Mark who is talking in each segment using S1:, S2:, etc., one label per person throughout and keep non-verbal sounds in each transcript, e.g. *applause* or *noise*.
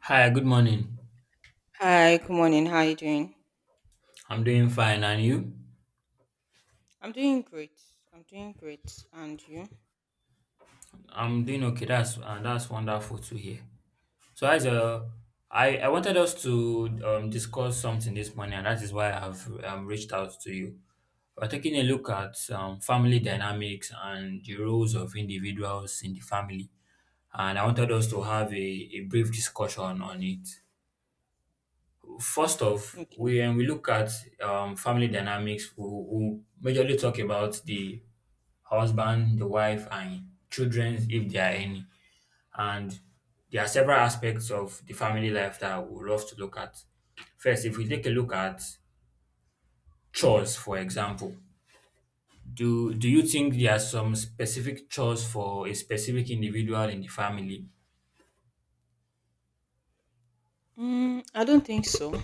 S1: Hi, good morning.
S2: Hi, good morning. How are you doing?
S1: I'm doing fine, and you?
S2: I'm doing great. And you?
S1: I'm doing okay. That's wonderful to hear. So, as I wanted us to discuss something this morning, and that is why I've reached out to you. We're taking a look at family dynamics and the roles of individuals in the family, and I wanted us to have a brief discussion on it. First off,
S2: Okay.
S1: we when we look at family dynamics, we majorly talk about the husband, the wife, and children if there are any. And there are several aspects of the family life that I would love to look at. First, if we take a look at chores, for example, do you think there are some specific chores for a specific individual in the family?
S2: I don't think so.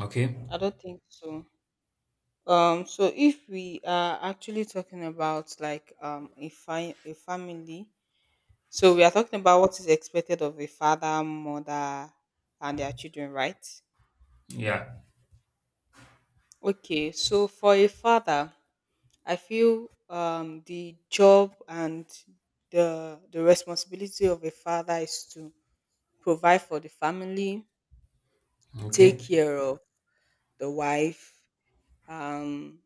S1: Okay.
S2: I don't think so. So if we are actually talking about like a family, so we are talking about what is expected of a father, mother, and their children, right?
S1: Yeah.
S2: Okay. So for a father, I feel the job and the responsibility of a father is to provide for the family, take
S1: Okay.
S2: care of the wife, um,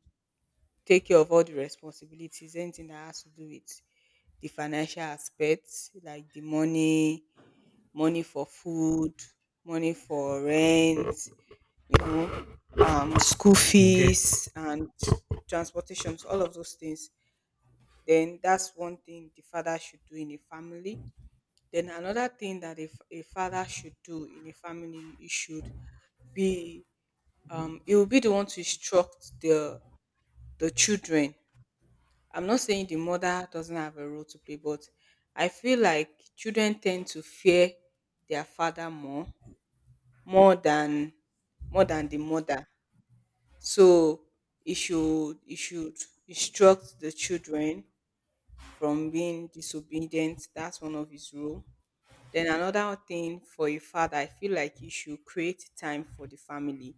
S2: take care of all the responsibilities, anything that has to do with the financial aspects, like the money, money for food, money for rent, you know, school
S1: Okay.
S2: fees and transportations, all of those things. Then that's one thing the father should do in a family. Then another thing that a father should do in a family, he should be he will be the one to instruct the children. I'm not saying the mother doesn't have a role to play, but I feel like children tend to fear their father more than more than the mother. So it should instruct the children from being disobedient. That's one of his role. Then another thing for a father, I feel like you should create time for the family.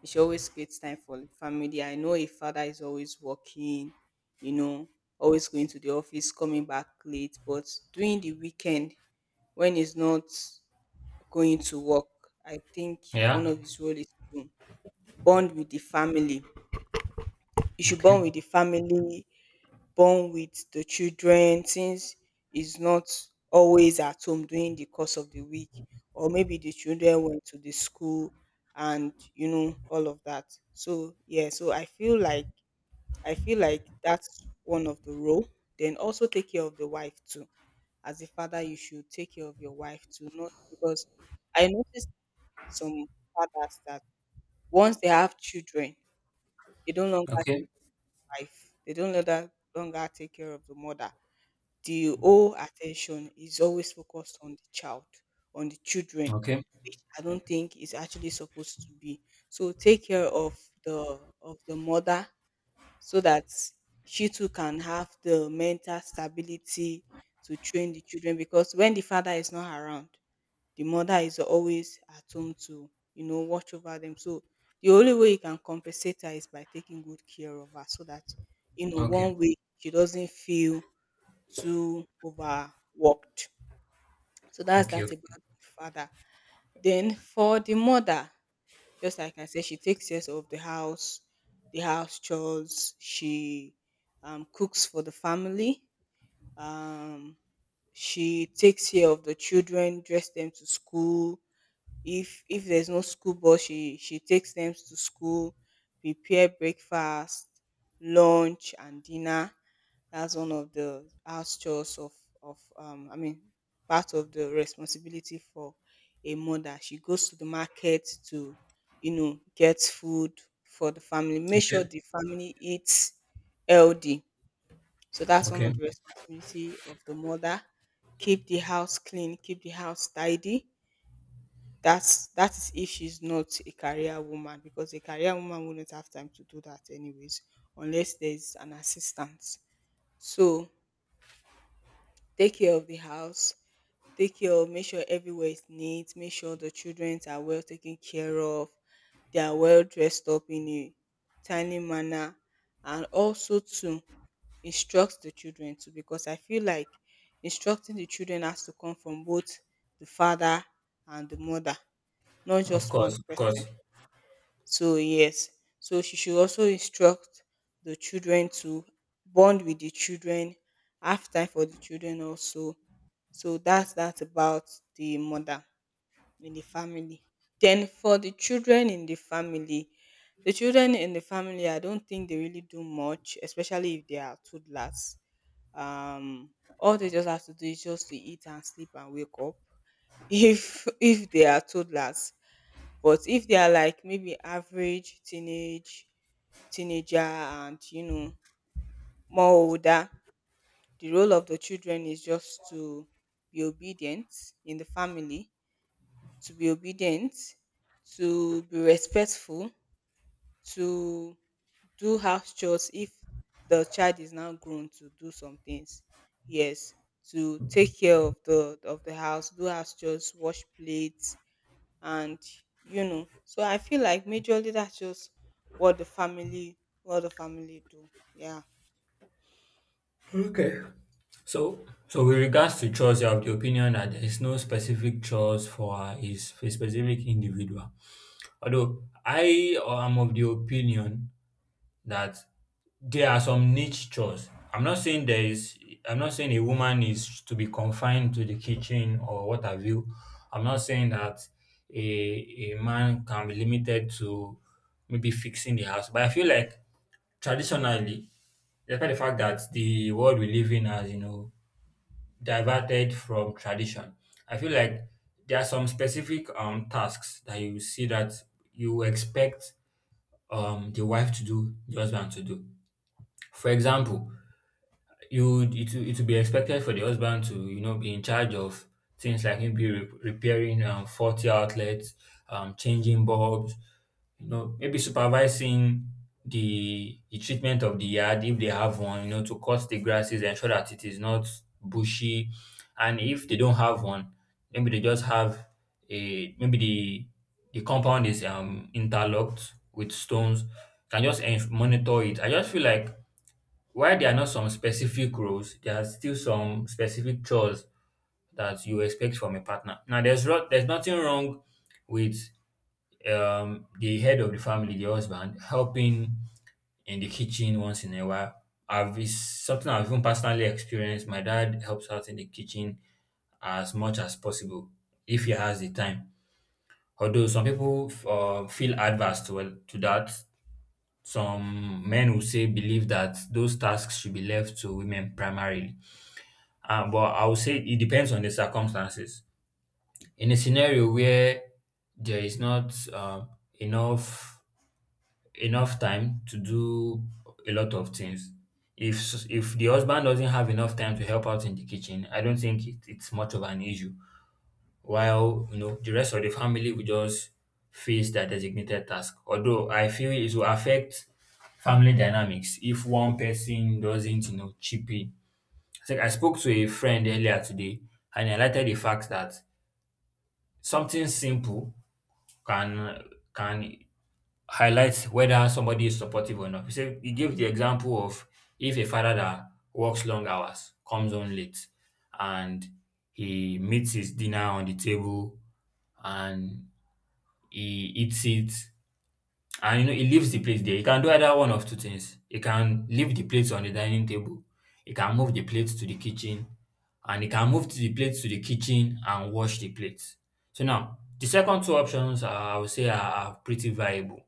S2: He should always create time for family. I know a father is always working, you know, always going to the office, coming back late, but during the weekend, when he's not going to work, I think one
S1: Yeah.
S2: of his role is to bond with the family. You should bond
S1: Okay.
S2: with the family, bond with the children since he's not always at home during the course of the week, or maybe the children went to the school, and you know all of that so yeah, so I feel like that's one of the role. Then also take care of the wife too. As a father, you should take care of your wife too, not because I noticed some fathers that once they have children, they don't longer take
S1: Okay.
S2: wife, they don't longer take care of the mother. The whole attention is always focused on the child, on the children,
S1: Okay.
S2: which I don't think is actually supposed to be. So take care of the mother so that she too can have the mental stability to train the children, because when the father is not around, the mother is always at home to, watch over them. So the only way you can compensate her is by taking good care of her so that,
S1: Okay. Okay.
S2: one way she doesn't feel too overworked. So that's that
S1: Okay.
S2: about the father. Then for the mother, just like I said, she takes care of the house chores. She cooks for the family. Um, she takes care of the children, dress them to school. If there's no school bus, she takes them to school, prepare breakfast, lunch, and dinner. That's one of the house chores of of um I mean part of the responsibility for a mother. She goes to the market to get food for the family, make sure
S1: Okay.
S2: the family eats healthy. So that's one of
S1: Okay.
S2: the responsibility of the mother. Keep the house clean, keep the house tidy. That is if she's not a career woman, because a career woman wouldn't have time to do that anyways unless there's an assistant. So take care of the house, take care of, make sure everywhere is neat, make sure the children are well taken care of, they are well dressed up in a timely manner, and also to instruct the children too, because I feel like instructing the children has to come from both the father and the mother, not
S1: Of
S2: just one
S1: course. Of
S2: person.
S1: course.
S2: So yes, so she should also instruct the children, to bond with the children, have time for the children also. So that's about the mother in the family. Then for the children in the family, the children in the family, I don't think they really do much, especially if they are toddlers. Um, all they just have to do is just to eat and sleep and wake up. *laughs* If they are toddlers, but if they are like maybe average teenager and you know more older, the role of the children is just to be obedient in the family, to be obedient, to be respectful, to do house chores if the child is now grown to do some things. Yes, to take care of the house, do house chores, wash plates, and you know, so I feel like majorly that's just what the family do. Yeah,
S1: Okay. So, so, with regards to chores, you have the opinion that there is no specific chores is for a specific individual. Although I am of the opinion that there are some niche chores. I'm not saying there is. I'm not saying a woman is to be confined to the kitchen or what have you. I'm not saying that a man can be limited to maybe fixing the house. But I feel like traditionally, despite the fact that the world we live in has diverted from tradition. I feel like there are some specific tasks that you see that you expect the wife to do, the husband to do. For example, you would it will be expected for the husband to be in charge of things like maybe repairing faulty outlets, changing bulbs, maybe supervising the treatment of the yard if they have one, to cut the grasses, ensure that it is not bushy, and if they don't have one, maybe they just have a maybe the compound is interlocked with stones. Can just monitor it. I just feel like while there are not some specific roles, there are still some specific chores that you expect from a partner. Now, there's nothing wrong with the head of the family, the husband, helping in the kitchen once in a while. I've it's something I've even personally experienced. My dad helps out in the kitchen as much as possible if he has the time. Although some people feel adverse to that, some men will say believe that those tasks should be left to women primarily. But I would say it depends on the circumstances. In a scenario where there is not enough enough time to do a lot of things, if the husband doesn't have enough time to help out in the kitchen, I don't think it's much of an issue. While the rest of the family will just face their designated task. Although I feel it will affect family dynamics if one person doesn't chip in. I think I spoke to a friend earlier today, and he highlighted the fact that something simple can can highlight whether somebody is supportive or not. He said he gave the example of if a father that works long hours comes home late and he meets his dinner on the table and he eats it. And he leaves the plate there. He can do either one of two things. He can leave the plates on the dining table, he can move the plates to the kitchen, and he can move to the plates to the kitchen and wash the plates. So now the second two options are, I would say, are pretty viable.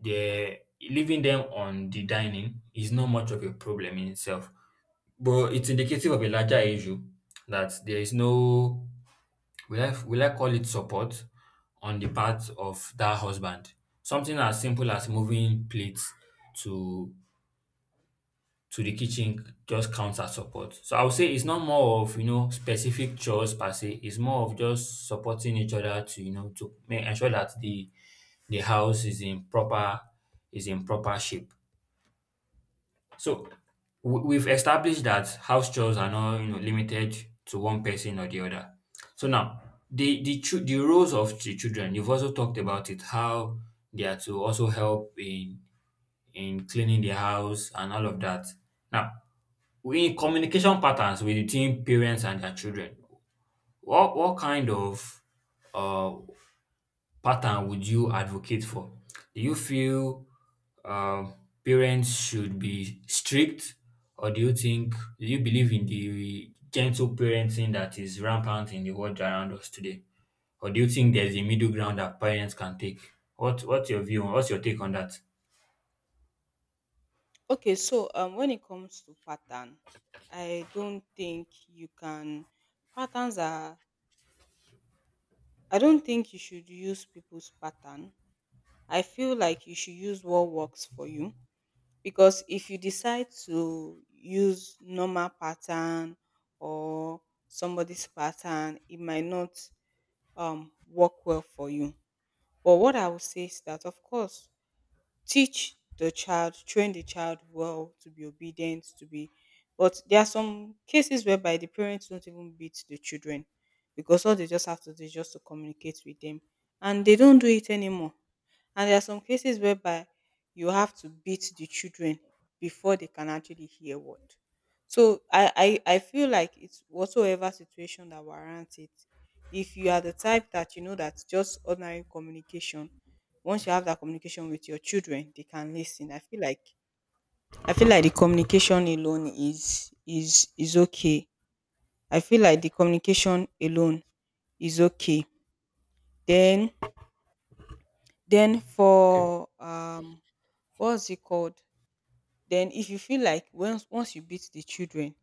S1: The leaving them on the dining is not much of a problem in itself, but it's indicative of a larger issue that there is no, will I call it support, on the part of that husband? Something as simple as moving plates to to the kitchen just counts as support. So I would say it's not more of specific chores per se. It's more of just supporting each other to you know to make ensure that the house is in proper shape. So we've established that house chores are not limited to one person or the other. So now the roles of the children, you've also talked about it, how they are to also help in cleaning the house and all of that. Now, in communication patterns between parents and their children, what kind of uh pattern would you advocate for? Do you feel um, parents should be strict, or do you believe in the gentle parenting that is rampant in the world around us today, or do you think there's a middle ground that parents can take? What's your view? What's your take on that?
S2: okay. So when it comes to pattern, i don't think you can patterns are I don't think you should use people's pattern. I feel like you should use what works for you, because if you decide to use normal pattern or somebody's pattern, it might not work well for you. But what I would say is that, of course, teach the child, train the child well to be obedient, to be. But there are some cases whereby the parents don't even beat the children because all they just have to do is just to communicate with them, and they don't do it anymore. And there are some cases whereby you have to beat the children before they can actually hear what. So I feel like it's whatsoever situation that warrants it. If you are the type that you know that just ordinary communication, once you have that communication with your children, they can listen. I feel like the communication alone is is okay. I feel like the communication alone is okay. Then then
S1: Okay.
S2: for what's it called? Then if you feel like once you beat the children,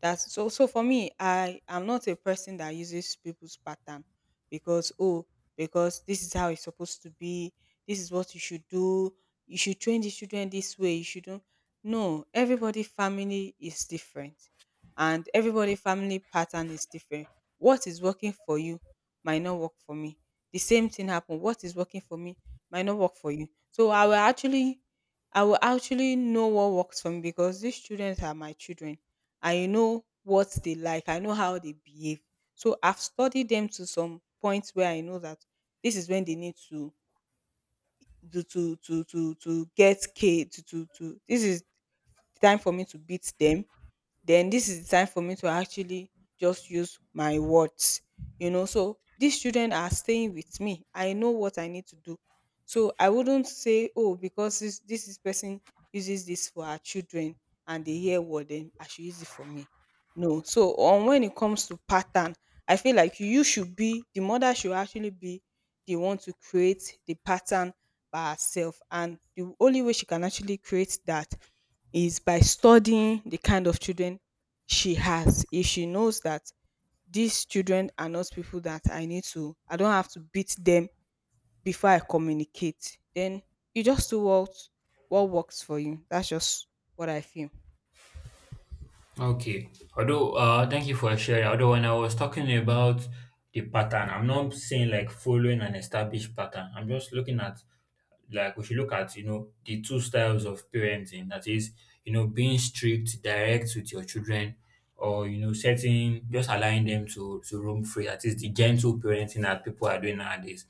S2: that's. So so for me, I am not a person that uses people's pattern because oh, because this is how it's supposed to be, this is what you should do, you should train the children this way, you shouldn't. No, everybody family is different and everybody family pattern is different. What is working for you might not work for me. The same thing happen. What is working for me might not work for you. So I will actually know what works for me, because these children are my children. I know what they like. I know how they behave. So I've studied them to some points where I know that this is when they need to get k to this is the time for me to beat them, then this is the time for me to actually just use my words. You know, so these children are staying with me, I know what I need to do. So I wouldn't say oh, because this is person uses this for her children and they hear what, then I should use it for me. No, so on when it comes to pattern, I feel like you should be the mother should actually be the one to create the pattern by herself. And the only way she can actually create that is by studying the kind of children she has. If she knows that these children are not people that I need to, I don't have to beat them before I communicate, then you just do what works for you. That's just what I feel.
S1: Okay. Although, thank you for sharing. Although, when I was talking about the pattern, I'm not saying like following an established pattern. I'm just looking at, like, we should look at the two styles of parenting, that is, being strict, direct with your children, or setting, just allowing them to roam free, that is the gentle parenting that people are doing nowadays.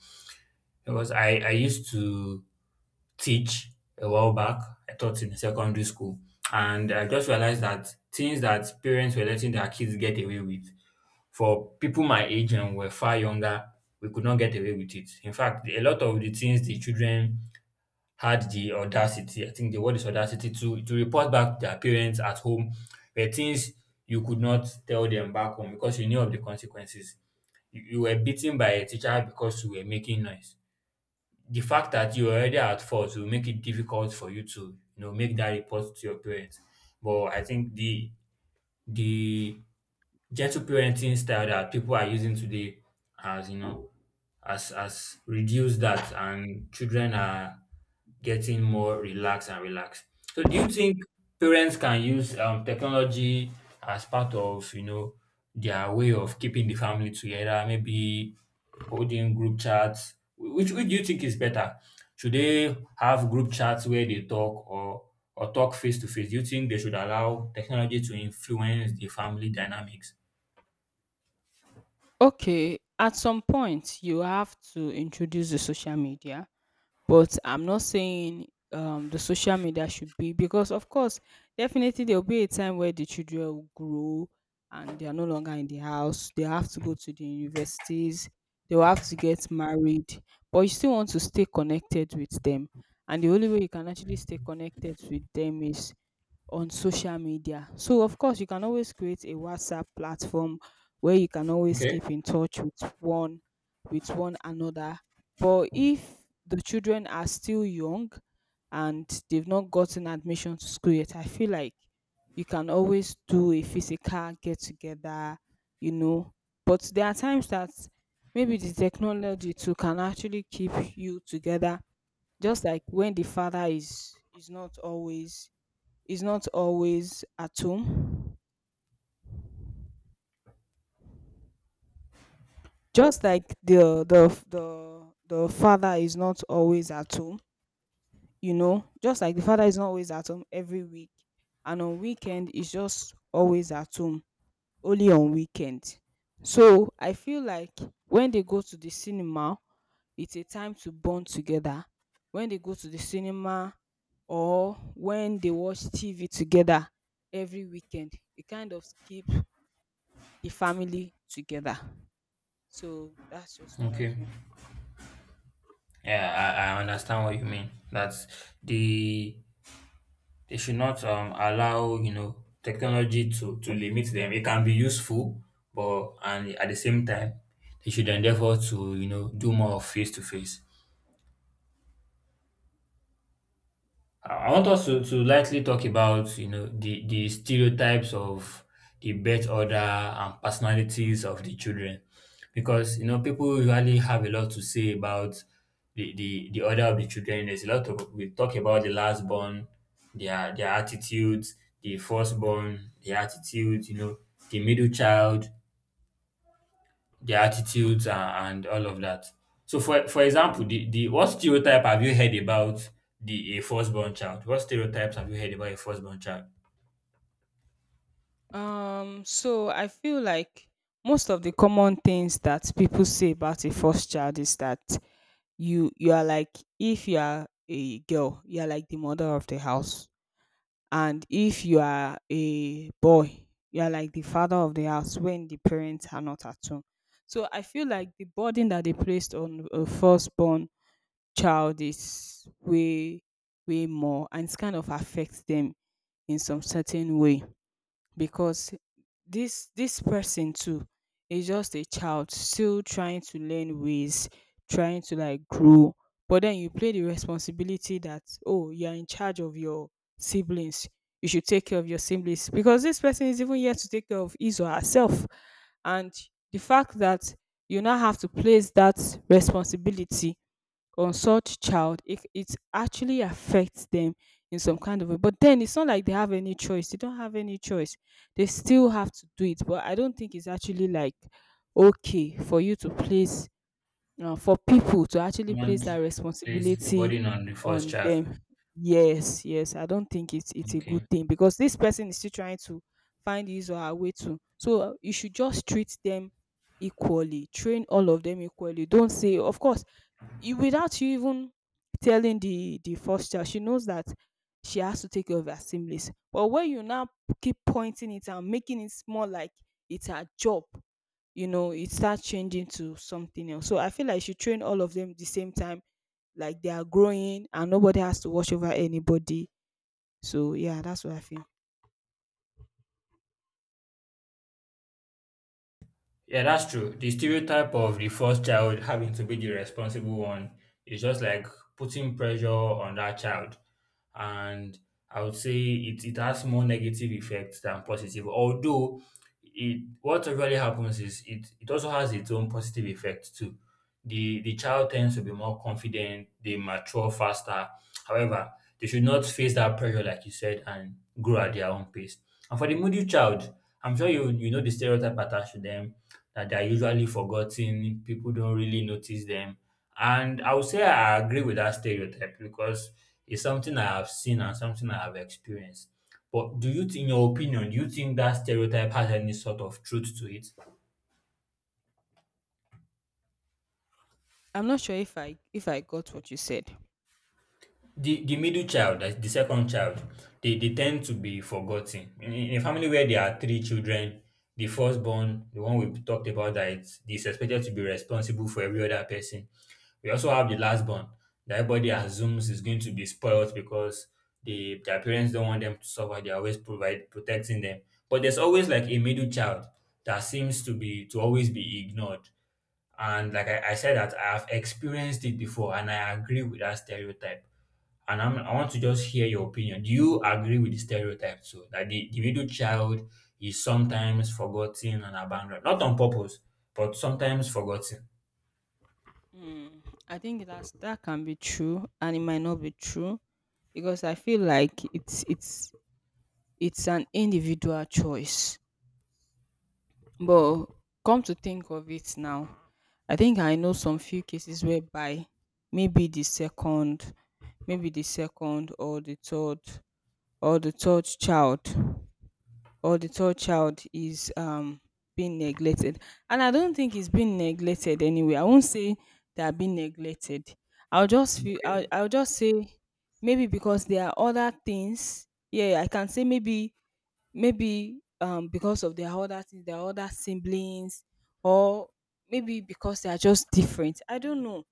S1: Because I used to teach a while back. I taught in secondary school, and I just realized that things that parents were letting their kids get away with, for people my age and were far younger, we could not get away with. It in fact, a lot of the things the children had the audacity, I think the word is audacity, to report back their parents at home were things you could not tell them back home because you knew of the consequences. You were beaten by a teacher because you were making noise. The fact that you were already at fault will make it difficult for you to make that report to your parents. But I think the gentle parenting style that people are using today has you know has reduced that, and children are getting more relaxed and relaxed. So do you think parents can use technology as part of their way of keeping the family together, maybe holding group chats? Which do you think is better, should they have group chats where they talk, or talk face to face? Do you think they should allow technology to influence the family dynamics?
S2: Okay, at some point you have to introduce the social media, but I'm not saying the social media should be, because of course definitely there'll be a time where the children will grow and they are no longer in the house. They have to go to the universities, they will have to get married, but you still want to stay connected with them. And the only way you can actually stay connected with them is on social media. So of course you can always create a WhatsApp platform where you can always
S1: Okay,
S2: keep in touch with one another. But if the children are still young and they've not gotten admission to school yet, I feel like you can always do a physical get together, you know. But there are times that maybe the technology too can actually keep you together, just like when the father is not always is not always at home. Just like the father is not always at home, just like the father is not always at home every week, and on weekend is just always at home, only on weekend. So I feel like when they go to the cinema, it's a time to bond together. When they go to the cinema, or when they watch TV together every weekend, it kind of keep the family together. So that's just what I
S1: okay.
S2: feel.
S1: Yeah, I understand what you mean. That's the They should not allow technology to limit them. It can be useful, but and at the same time, they should endeavor to do more face to face. I want us to lightly talk about the stereotypes of the birth order and personalities of the children. Because people usually have a lot to say about the order of the children. There's a lot of, We talk about the last born, their attitudes, the first born, their attitudes the middle child, their attitudes and all of that. So for example, the what stereotype have you heard about the a firstborn child? What stereotypes have you heard about a firstborn child?
S2: So I feel like most of the common things that people say about a first child is that you are like, if you are a girl, you are like the mother of the house, and if you are a boy, you are like the father of the house when the parents are not at home. So I feel like the burden that they placed on a firstborn child is way way more, and it's kind of affects them in some certain way because this person too is just a child still trying to learn ways, trying to like grow. But then you play the responsibility that, oh, you're in charge of your siblings, you should take care of your siblings, because this person is even here to take care of his or herself. And the fact that you now have to place that responsibility consult child, it actually affects them in some kind of way. But then it's not like they have any choice. They don't have any choice. They still have to do it. But I don't think it's actually like okay for people to actually place
S1: Someone
S2: that
S1: place the
S2: responsibility
S1: burden on the first
S2: on
S1: child.
S2: them. Yes, yes. I don't think it's a good
S1: Okay.
S2: thing because this person is still trying to find his or her way to. So you should just treat them equally, train all of them equally. Don't say, of course, you, without you even telling the first child, she knows that she has to take care of her siblings. But when you now keep pointing it and making it more like it's her job. It starts changing to something else. So I feel like she train all of them at the same time, like they are growing and nobody has to watch over anybody. So yeah, that's what I feel.
S1: Yeah, that's true. The stereotype of the first child having to be the responsible one is just like putting pressure on that child. And I would say it has more negative effects than positive. Although it what really happens is it also has its own positive effects too. The child tends to be more confident, they mature faster. However, they should not face that pressure, like you said, and grow at their own pace. And for the moody child, I'm sure you know the stereotype attached to them, that they're usually forgotten, people don't really notice them. And I would say I agree with that stereotype because it's something I have seen and something I have experienced. But in your opinion, do you think that stereotype has any sort of truth to it?
S2: I'm not sure if I got what you said.
S1: The middle child, that's the second child, they tend to be forgotten. In a family where there are three children, the firstborn, the one we talked about that is expected to be responsible for every other person. We also have the lastborn that everybody assumes is going to be spoiled because their parents don't want them to suffer. They're always provide protecting them. But there's always like a middle child that seems to always be ignored. And like I said that I have experienced it before, and I agree with that stereotype. And I want to just hear your opinion. Do you agree with the stereotype too? That the middle child is sometimes forgotten and abandoned, not on purpose, but sometimes forgotten.
S2: Mm, I think that can be true, and it might not be true because I feel like it's an individual choice. But come to think of it now, I think I know some few cases whereby maybe the second, maybe the second or the third or the third child or the third child is being neglected. And I don't think it's being neglected. Anyway, I won't say they are being neglected.
S1: Okay.
S2: I'll just say maybe because there are other things. Yeah, I can say maybe, because of their other things, their other siblings, or maybe because they are just different, I don't know.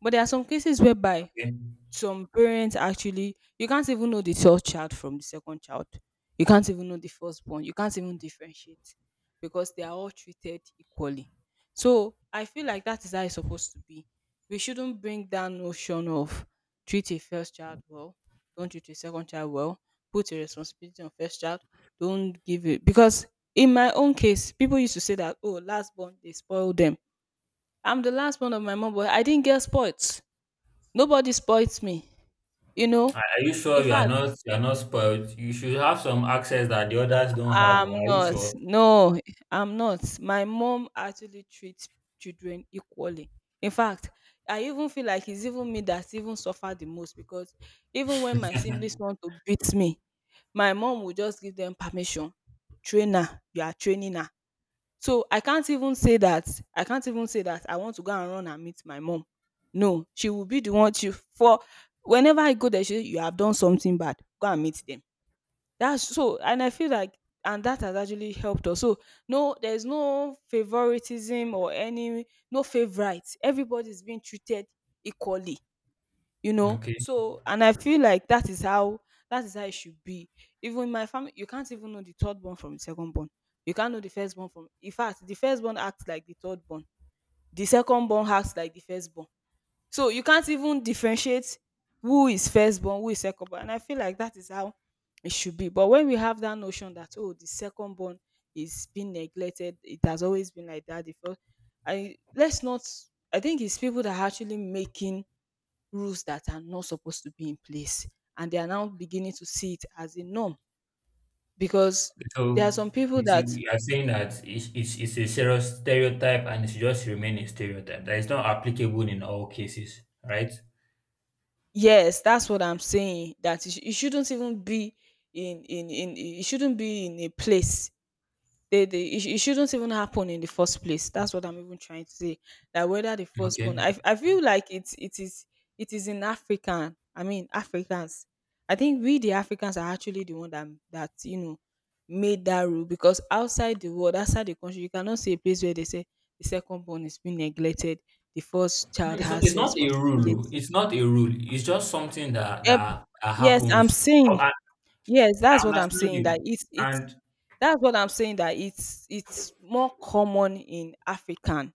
S2: But there are some cases whereby
S1: Okay.
S2: some parents, actually, you can't even know the third child from the second child. You can't even know the firstborn. You can't even differentiate because they are all treated equally. So I feel like that is how it's supposed to be. We shouldn't bring that notion of treat a first child well, don't treat a second child well, put a responsibility on first child, don't give it. Because in my own case, people used to say that, oh, last born, they spoil them. I'm the last born of my mom, but I didn't get spoiled. Nobody spoils me. You know,
S1: Are you
S2: in
S1: sure you are
S2: fact,
S1: not spoiled? You should have some access that the others don't have. Oh.
S2: I'm
S1: Are you
S2: not.
S1: sure?
S2: No, I'm not. My mom actually treats children equally. In fact, I even feel like it's even me that even suffer the most because even when my siblings want to beat me, my mom will just give them permission. Trainer, you are training her. So I can't even say that I want to go and run and meet my mom. No, she will be the one. She for whenever I go there, she, you have done something bad, go and meet them. That's so. And I feel like, and that has actually helped us. So no, there's no favoritism or any. No favorite. Everybody's being treated equally.
S1: Okay.
S2: So, and I feel like that is how it should be. Even in my family, you can't even know the third born from the second born. You can't know the first born from, in fact, the first born acts like the third born. The second born acts like the first born. So you can't even differentiate who is first born, who is second born. And I feel like that is how it should be. But when we have that notion that, oh, the second born is being neglected, it has always been like that. The first I let's not I think it's people that are actually making rules that are not supposed to be in place. And they are now beginning to see it as a norm, because there are
S1: So
S2: some people that,
S1: we are saying that it's a serious stereotype and it should just remain a stereotype that is not applicable in all cases, right?
S2: yes, that's what I'm saying, that it shouldn't even be it shouldn't be in a place. They it shouldn't even happen in the first place. That's what I'm even trying to say. That whether the firstborn,
S1: Okay.
S2: I feel like it is in African, I mean, Africans. I think we, the Africans, are actually the one that, made that rule. Because outside the country, you cannot see a place where they say the second born is being neglected, the first child has
S1: It's not a rule. Oh.
S2: responsibility.
S1: It's not a rule. It's just something that
S2: Yep,
S1: that
S2: yes, I'm
S1: happens. I,
S2: saying.
S1: I
S2: Yes,
S1: I
S2: that's what I'm
S1: understand
S2: saying, that
S1: you,
S2: it's
S1: and
S2: that's what I'm saying that it's more common in African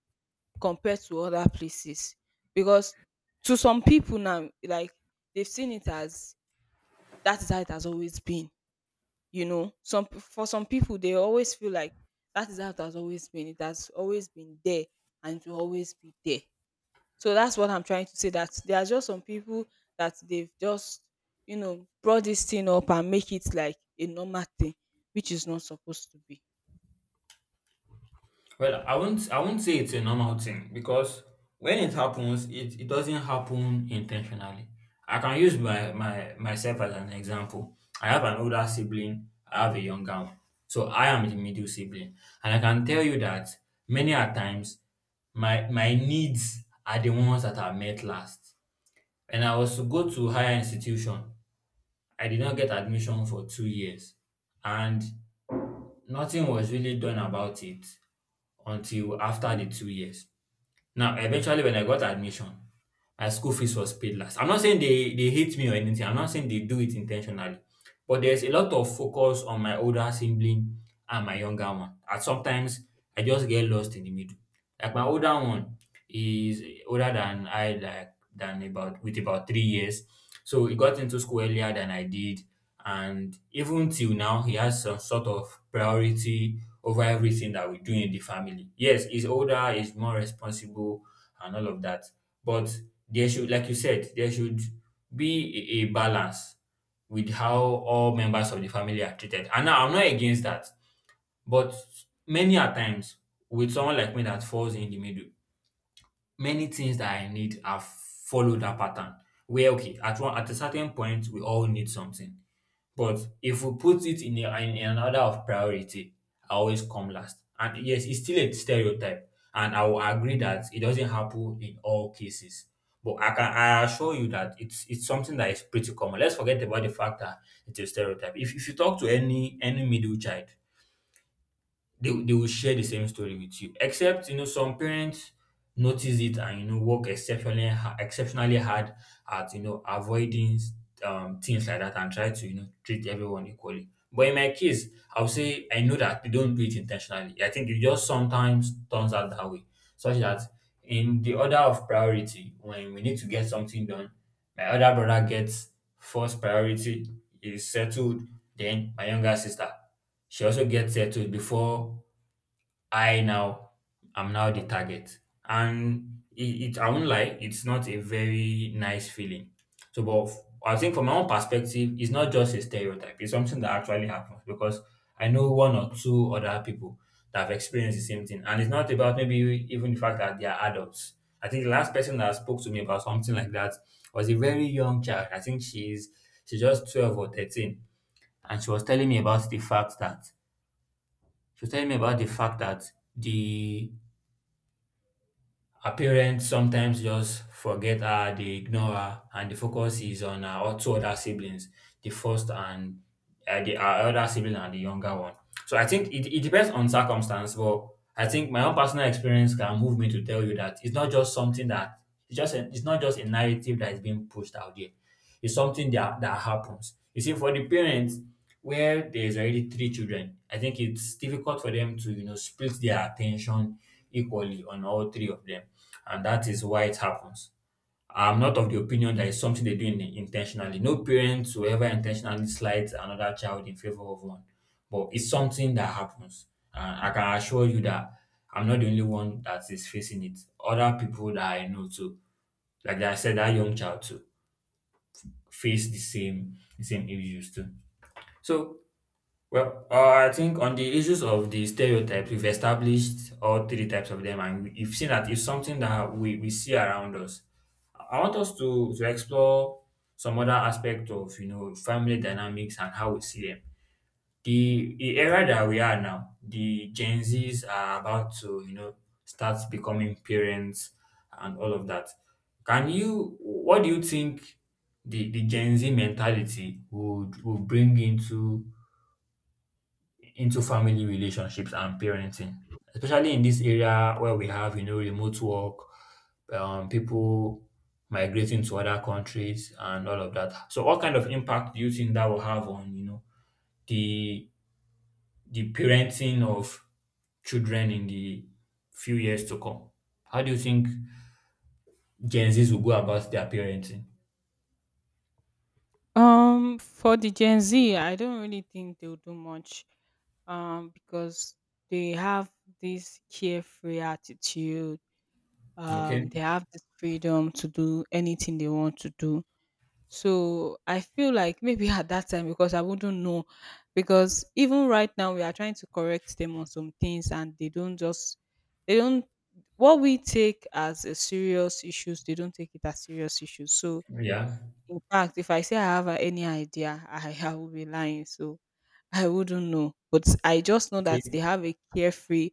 S2: compared to other places, because to some people now, like, they've seen it as that is how it has always been. You know, some for some people they always feel like that is how it has always been. It has always been there, and it will always be there. So that's what I'm trying to say. That there are just some people that they've just brought this thing up and make it like a normal thing, which is not supposed to be.
S1: well, I won't say it's a normal thing because when it happens, it doesn't happen intentionally. I can use my, my myself as an example. I have an older sibling. I have a younger one, so I am the middle sibling, and I can tell you that many a times my needs are the ones that are met last. And I was to go to higher institution. I did not get admission for 2 years. And nothing was really done about it until after the 2 years. Now, eventually, when I got admission, my school fees was paid last. I'm not saying they hate me or anything. I'm not saying they do it intentionally, but there's a lot of focus on my older sibling and my younger one. And sometimes I just get lost in the middle. Like my older one is older than I, like than about with about 3 years, so he got into school earlier than I did, and even till now he has some sort of priority over everything that we do in the family. Yes, he's older, he's more responsible and all of that, but there should, like you said, there should be a balance with how all members of the family are treated. And now I'm not against that, but many a times, with someone like me that falls in the middle, many things that I need have followed that pattern, where okay, at one at a certain point we all need something, but if we put it in an order of priority, I always come last. And yes, it's still a stereotype, and I will agree that it doesn't happen in all cases. But I assure you that it's something that is pretty common. Let's forget about the fact that it's a stereotype. If you talk to any middle child, they will share the same story with you, except you know some parents notice it, and you know, work exceptionally exceptionally hard at, you know, avoiding things like that, and try to, you know, treat everyone equally. But in my case, I'll say I know that they don't do it intentionally. I think it just sometimes turns out that way, such that in the order of priority, when we need to get something done, my other brother gets first priority, is settled, then my younger sister, she also gets settled before I now am now the target. And it, I won't lie, it's not a very nice feeling. So, I think from my own perspective, it's not just a stereotype. It's something that actually happens, because I know one or two other people that have experienced the same thing. And it's not about maybe even the fact that they are adults. I think the last person that spoke to me about something like that was a very young child. I think she's just 12 or 13. And she was telling me about the fact that the her parents sometimes just forget her, they ignore her, and the focus is on her two other siblings, the first and the her other sibling and the younger one. So I think it depends on circumstance, but I think my own personal experience can move me to tell you that it's not just something that it's not just a narrative that is being pushed out there. It's something that happens. You see, for the parents where there's already three children, I think it's difficult for them to, you know, split their attention equally on all three of them. And that is why it happens. I'm not of the opinion that it's something they do intentionally. No parents will ever intentionally slight another child in favor of one. But it's something that happens. And I can assure you that I'm not the only one that is facing it. Other people that I know too, like I said, that young child too, face the same issues too. So well, I think on the issues of the stereotypes, we've established all three types of them, and we've seen that it's something that we see around us. I want us to explore some other aspect of, you know, family dynamics and how we see them, the era that we are now, the Gen Zs are about to, you know, start becoming parents and all of that. Can you What do you think the Gen Z mentality would bring into family relationships and parenting? Especially in this area where we have, you know, remote work, people migrating to other countries and all of that. So what kind of impact do you think that will have on, you know, the the parenting of children in the few years to come? How do you think Gen Zs will go about their parenting?
S2: For the Gen Z, I don't really think they'll do much. Because they have this carefree attitude. Um,
S1: Okay.
S2: they have this freedom to do anything they want to do. So I feel like, maybe at that time, because I wouldn't know, because even right now we are trying to correct them on some things, and they don't, what we take as a serious issues, they don't take it as serious issues. So
S1: Yeah.
S2: in fact, if I say I have a any idea, I *laughs* I will be lying, so I wouldn't know. But I just know that
S1: Okay.
S2: they have a carefree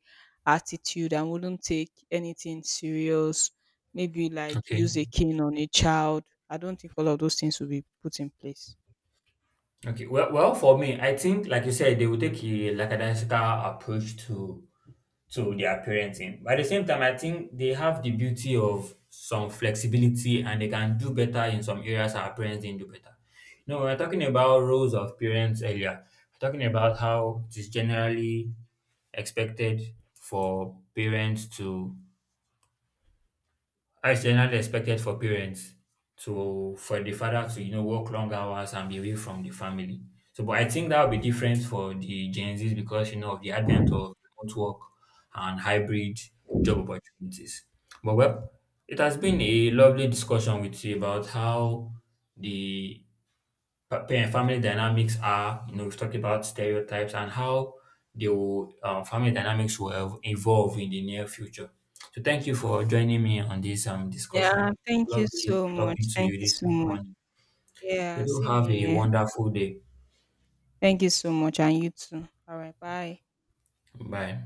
S2: attitude and wouldn't take anything serious, maybe like
S1: Okay.
S2: use a cane on a child. I don't think all of those things will be put in place.
S1: Okay. Well, well, for me, I think, like you said, they will take a lackadaisical approach to their parenting. But at the same time, I think they have the beauty of some flexibility and they can do better in some areas our parents didn't do better. You know, we were talking about roles of parents earlier. We're talking about how it is generally expected for parents to how is generally expected for parents to, for the father to, you know, work long hours and be away from the family. So, but I think that will be different for the Gen Zs because, you know, of the advent of remote work and hybrid job opportunities. But well, it has been a lovely discussion with you about how the parent family dynamics are, you know, we've talked about stereotypes and how they will, family dynamics will evolve in the near future. So thank you for joining me on this
S2: Yeah,
S1: discussion.
S2: thank you
S1: Lovely
S2: so
S1: talking
S2: much.
S1: to
S2: Thank
S1: you
S2: you
S1: this
S2: so much.
S1: morning. So
S2: Yeah,
S1: do
S2: same
S1: have a
S2: here.
S1: wonderful day.
S2: Thank you so much, and you too. All right, bye.
S1: Bye.